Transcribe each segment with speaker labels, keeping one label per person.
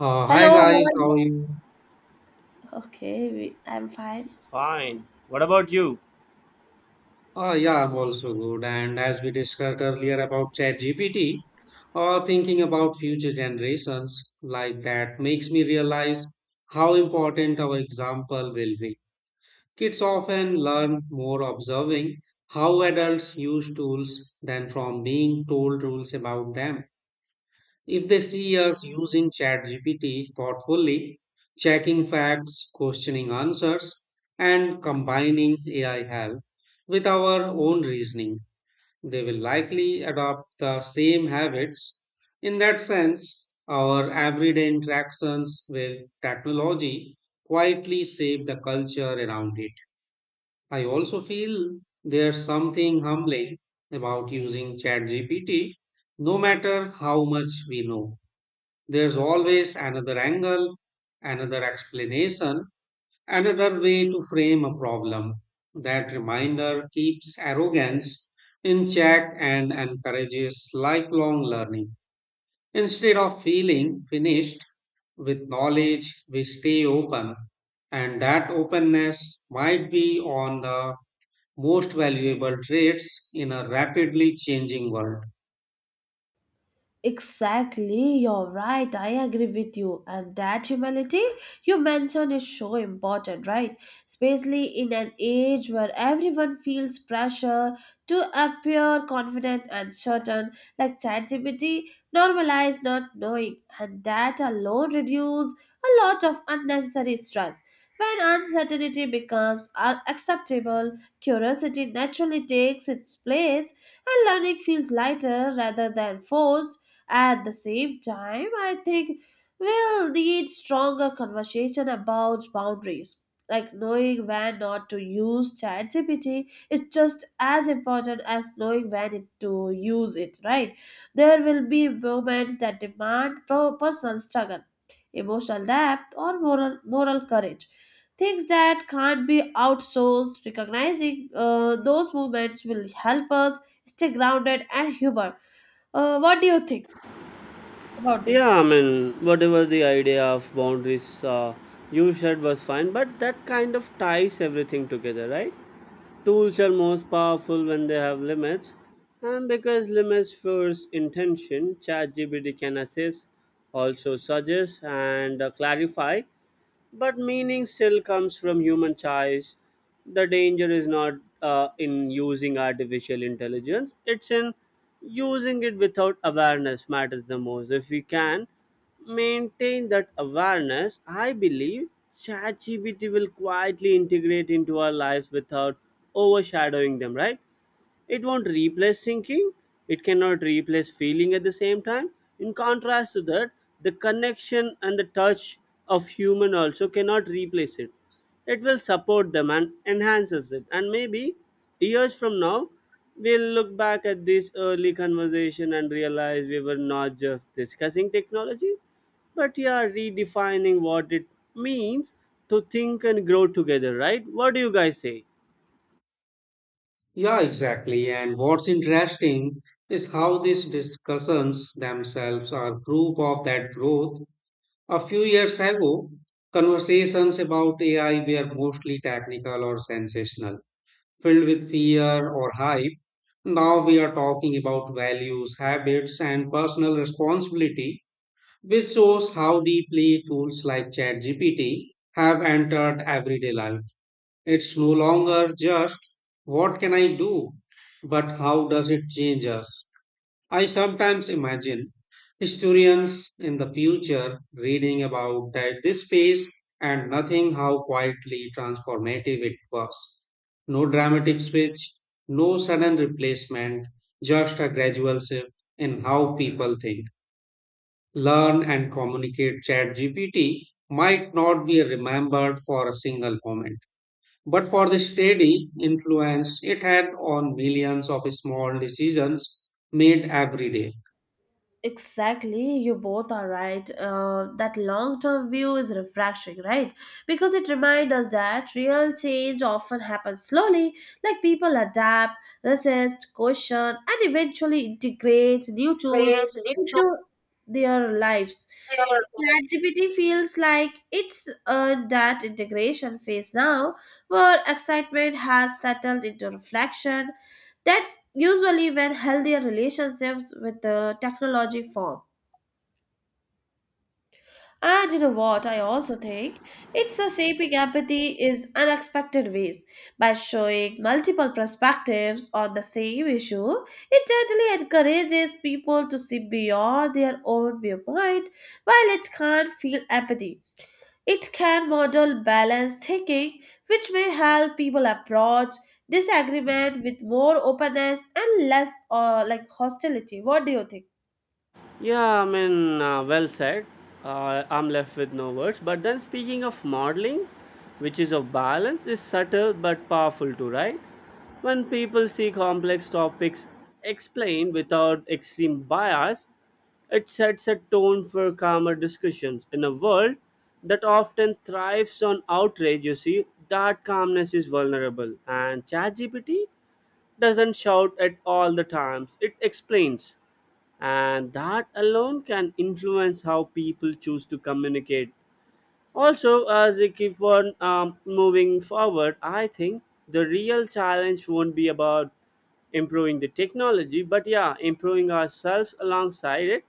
Speaker 1: Uh,
Speaker 2: Hello,
Speaker 1: hi
Speaker 2: how
Speaker 1: guys,
Speaker 2: are you?
Speaker 1: how are you?
Speaker 2: Okay, we, I'm fine.
Speaker 3: Fine. What about you?
Speaker 1: Yeah, I'm also good. And as we discussed earlier about ChatGPT, thinking about future generations like that makes me realize how important our example will be. Kids often learn more observing how adults use tools than from being told rules about them. If they see us using ChatGPT thoughtfully, checking facts, questioning answers, and combining AI help with our own reasoning, they will likely adopt the same habits. In that sense, our everyday interactions with technology quietly shape the culture around it. I also feel there's something humbling about using ChatGPT, no matter how much we know there's always another angle, another explanation, another way to frame a problem. That reminder keeps arrogance in check and encourages lifelong learning. Instead of feeling finished with knowledge, we stay open, and that openness might be on the most valuable traits in a rapidly changing world.
Speaker 2: Exactly, you're right. I agree with you. And that humility you mentioned is so important, right? Especially in an age where everyone feels pressure to appear confident and certain, like ChatGPT normalize not knowing, and that alone reduces a lot of unnecessary stress. When uncertainty becomes acceptable, curiosity naturally takes its place, and learning feels lighter rather than forced at the same time, I think we'll need stronger conversation about boundaries. Like knowing when not to use ChatGPT is just as important as knowing to use it, right? There will be moments that demand personal struggle, emotional depth, or moral courage. Things that can't be outsourced, recognizing those moments will help us stay grounded and human. What do you think about
Speaker 3: Yeah,
Speaker 2: this?
Speaker 3: I mean, whatever the idea of boundaries you said was fine, but that kind of ties everything together, right? Tools are most powerful when they have limits, and because limits force intention, ChatGPT can assist, also suggest, and clarify. But meaning still comes from human choice. The danger is not in using artificial intelligence, it's in using it without awareness, matters the most. If we can maintain that awareness, I believe ChatGPT will quietly integrate into our lives without overshadowing them, right? It won't replace thinking, it cannot replace feeling at the same time. In contrast to that, the connection and the touch of human also cannot replace it. It will support them and enhances it. And maybe years from now, we'll look back at this early conversation and realize we were not just discussing technology, but yeah, redefining what it means to think and grow together, right? What do you guys say?
Speaker 1: Yeah, exactly. And what's interesting is how these discussions themselves are proof of that growth. A few years ago, conversations about AI were mostly technical or sensational, filled with fear or hype. Now we are talking about values, habits, and personal responsibility, which shows how deeply tools like ChatGPT have entered everyday life. It's no longer just what can I do, but how does it change us? I sometimes imagine historians in the future reading about that this phase and nothing how quietly transformative it was. No dramatic switch, no sudden replacement, just a gradual shift in how people think, learn, and communicate. ChatGPT might not be remembered for a single moment but for the steady influence it had on millions of small decisions made every day.
Speaker 2: Exactly, you both are right. That long term view is refreshing, right? Because it reminds us that real change often happens slowly, like people adapt, resist, question, and eventually integrate new tools into their lives. ChatGPT feels like it's in that integration phase now, where excitement has settled into reflection. That's usually when healthier relationships with the technology form. And you know what, I also think it's a shaping empathy is unexpected ways. By showing multiple perspectives on the same issue, it gently encourages people to see beyond their own viewpoint while it can't feel empathy. It can model balanced thinking, which may help people approach disagreement with more openness and less like hostility. What do you think?
Speaker 3: Yeah, I mean, well said. I'm left with no words. But then, speaking of modeling, which is of balance, is subtle but powerful too, right? When people see complex topics explained without extreme bias, it sets a tone for calmer discussions. In a world that often thrives on outrage, you see, that calmness is vulnerable. And ChatGPT doesn't shout at all the times, it explains, and that alone can influence how people choose to communicate. Also, as they keep on moving forward, I think the real challenge won't be about improving the technology, but yeah, improving ourselves alongside it.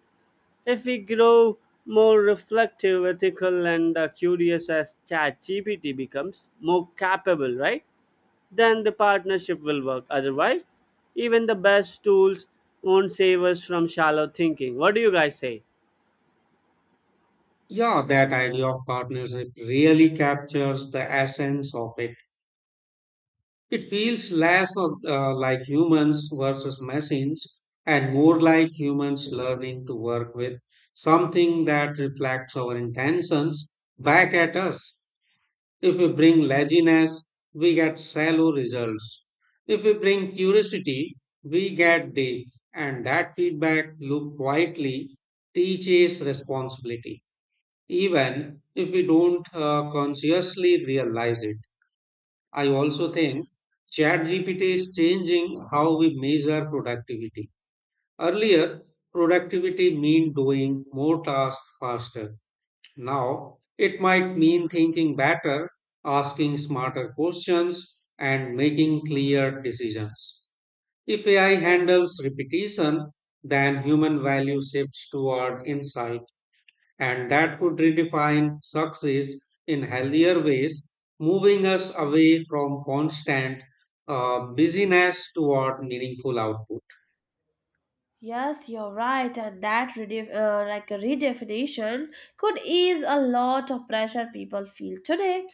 Speaker 3: If we grow more reflective, ethical, and curious as ChatGPT becomes more capable, right? Then the partnership will work. Otherwise, even the best tools won't save us from shallow thinking. What do you guys say?
Speaker 1: Yeah, that idea of partnership really captures the essence of it. It feels less of, like humans versus machines and more like humans learning to work with something that reflects our intentions back at us. If we bring laziness, we get shallow results. If we bring curiosity, we get depth, and that feedback loop quietly teaches responsibility, even if we don't consciously realize it. I also think ChatGPT is changing how we measure productivity. Earlier, productivity meant doing more tasks faster. Now, it might mean thinking better, asking smarter questions, and making clear decisions. If AI handles repetition, then human value shifts toward insight, and that could redefine success in healthier ways, moving us away from constant busyness toward meaningful output.
Speaker 2: Yes, you're right, and that like a redefinition could ease a lot of pressure people feel today,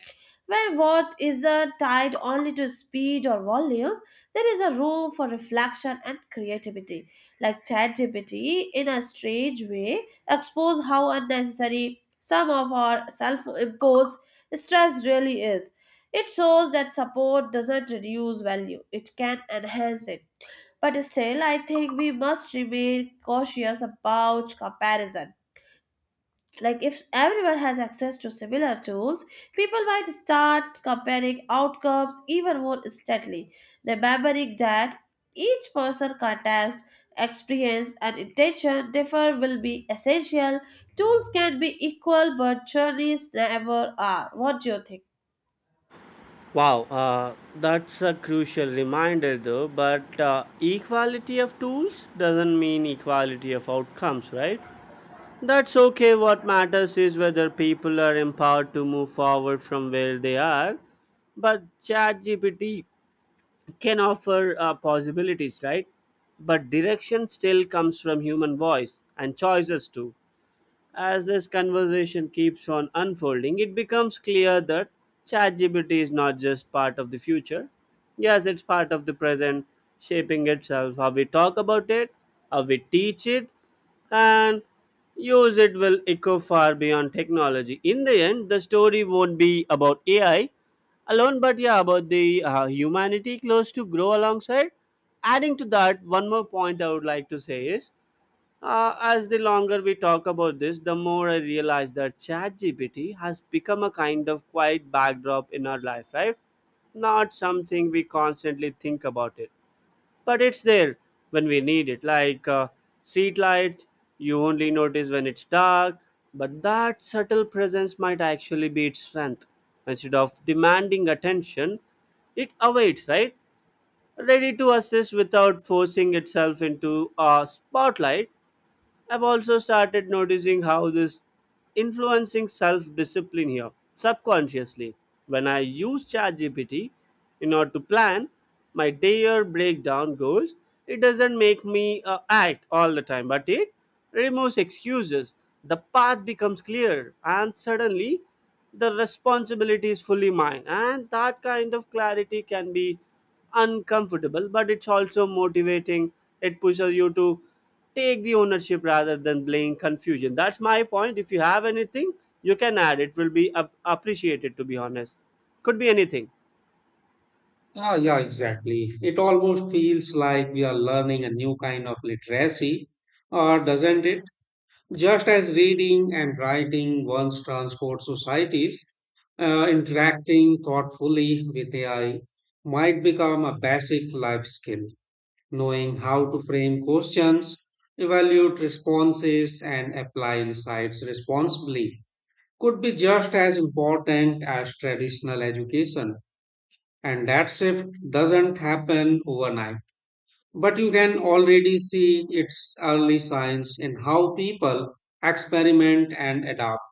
Speaker 2: where what is tied only to speed or volume, there is a room for reflection and creativity. Like ChatGPT, in a strange way, expose how unnecessary some of our self-imposed stress really is. It shows that support doesn't reduce value; it can enhance it. But still, I think we must remain cautious about comparison, like if everyone has access to similar tools, people might start comparing outcomes even more steadily, remembering that each person context, experience and intention differ will be essential. Tools can be equal but journeys never are. What do you think?
Speaker 3: Wow, that's a crucial reminder though, but equality of tools doesn't mean equality of outcomes, right? That's okay. What matters is whether people are empowered to move forward from where they are. But ChatGPT can offer possibilities, right? But direction still comes from human voice and choices too. As this conversation keeps on unfolding, it becomes clear that ChatGPT is not just part of the future. Yes, it's part of the present, shaping itself how we talk about it, how we teach it, and use it will echo far beyond technology. In the end, the story won't be about AI alone, but yeah, about the humanity close to grow alongside. Adding to that, one more point I would like to say is as the longer we talk about this, the more I realize that ChatGPT has become a kind of quiet backdrop in our life, right? Not something we constantly think about it, but it's there when we need it. Like street lights, you only notice when it's dark, but that subtle presence might actually be its strength. Instead of demanding attention, it awaits, right? Ready to assist without forcing itself into a spotlight. I've also started noticing how this influencing self discipline here subconsciously. When I use ChatGPT in order to plan my day or break down goals, it doesn't make me act all the time, but it removes excuses. The path becomes clear, and suddenly the responsibility is fully mine. And that kind of clarity can be uncomfortable, but it's also motivating. It pushes you to take the ownership rather than blame confusion. That's my point. If you have anything, you can add. It will be appreciated, to be honest. Could be anything.
Speaker 1: Ah, yeah, exactly. It almost feels like we are learning a new kind of literacy, doesn't it? Just as reading and writing once transport societies, interacting thoughtfully with AI might become a basic life skill. Knowing how to frame questions, evaluate responses, and apply insights responsibly could be just as important as traditional education. And that shift doesn't happen overnight. But you can already see its early signs in how people experiment and adapt.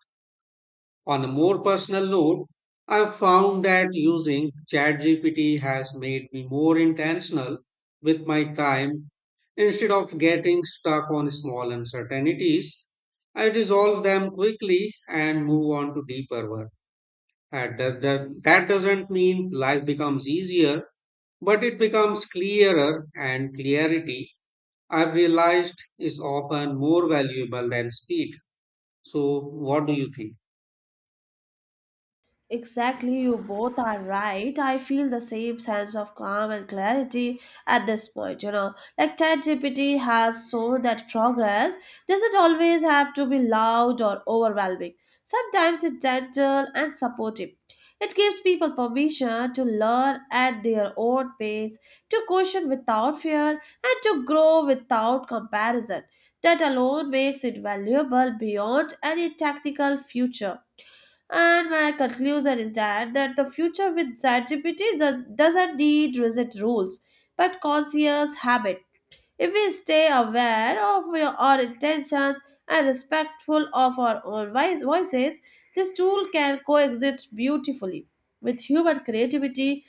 Speaker 1: On a more personal note, I've found that using ChatGPT has made me more intentional with my time. Instead of getting stuck on small uncertainties, I resolve them quickly and move on to deeper work. That doesn't mean life becomes easier, but it becomes clearer, and clarity I've realized is often more valuable than speed. So, what do you think?
Speaker 2: Exactly, you both are right. I feel the same sense of calm and clarity at this point, you know. Like ChatGPT has shown that progress doesn't always have to be loud or overwhelming. Sometimes it's gentle and supportive. It gives people permission to learn at their own pace, to question without fear, and to grow without comparison. That alone makes it valuable beyond any technical future. And my conclusion is that, that the future with ChatGPT doesn't need rigid rules, but conscious habit. If we stay aware of our intentions and respectful of our own voices, this tool can coexist beautifully with human creativity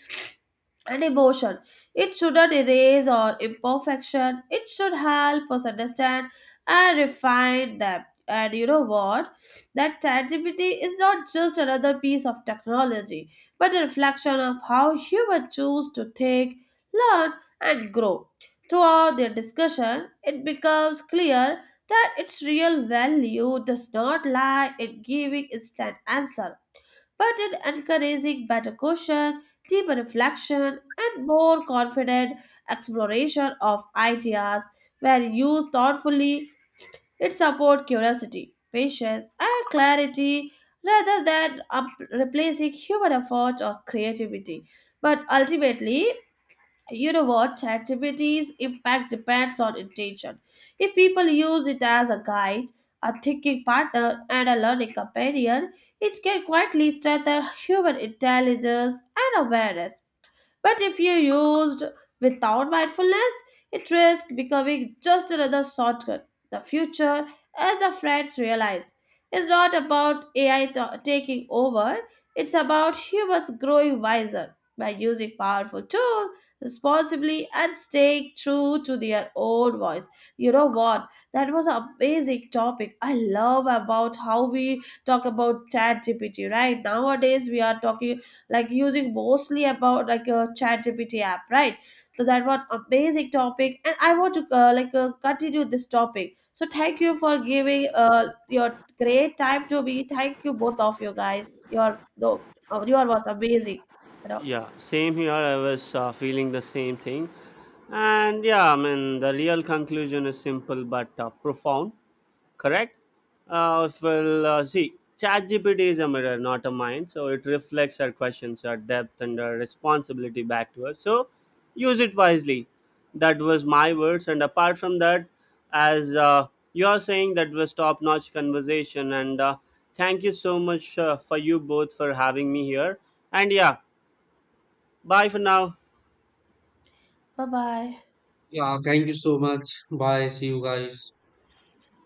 Speaker 2: and emotion. It shouldn't erase our imperfection. It should help us understand and refine them. And you know what? That tangibility is not just another piece of technology, but a reflection of how humans choose to think, learn, and grow. Throughout their discussion, it becomes clear that its real value does not lie in giving instant answer but in encouraging better question, deeper reflection, and more confident exploration of ideas. When used thoughtfully, it supports curiosity, patience, and clarity rather than replacing human effort or creativity. But ultimately, you know what, ChatGPT's impact depends on intention. If people use it as a guide, a thinking partner and a learning companion, it can quietly strengthen human intelligence and awareness. But if you used without mindfulness, it risks becoming just another shortcut. The future, as the friends realize, is not about AI taking over, it's about humans growing wiser by using powerful tools responsibly and staying true to their own voice. You know what? That was an amazing topic. I love about how we talk about chat GPT, right? Nowadays we are talking like using mostly about like a chat gpt app, right? So that was amazing topic and I want to continue this topic, so thank you for giving your great time to me. Thank you, both of you guys. Your though, your was amazing, you know.
Speaker 3: Yeah, same here. I was feeling the same thing. And yeah, I mean, the real conclusion is simple but profound, correct? See, ChatGPT is a mirror, not a mind. So it reflects our questions, our depth, and our responsibility back to us. So use it wisely. That was my words. And apart from that, as you are saying, that was top-notch conversation. And thank you so much for you both for having me here. And yeah, bye for now.
Speaker 2: Bye bye.
Speaker 1: Yeah, thank you so much. Bye. See you guys.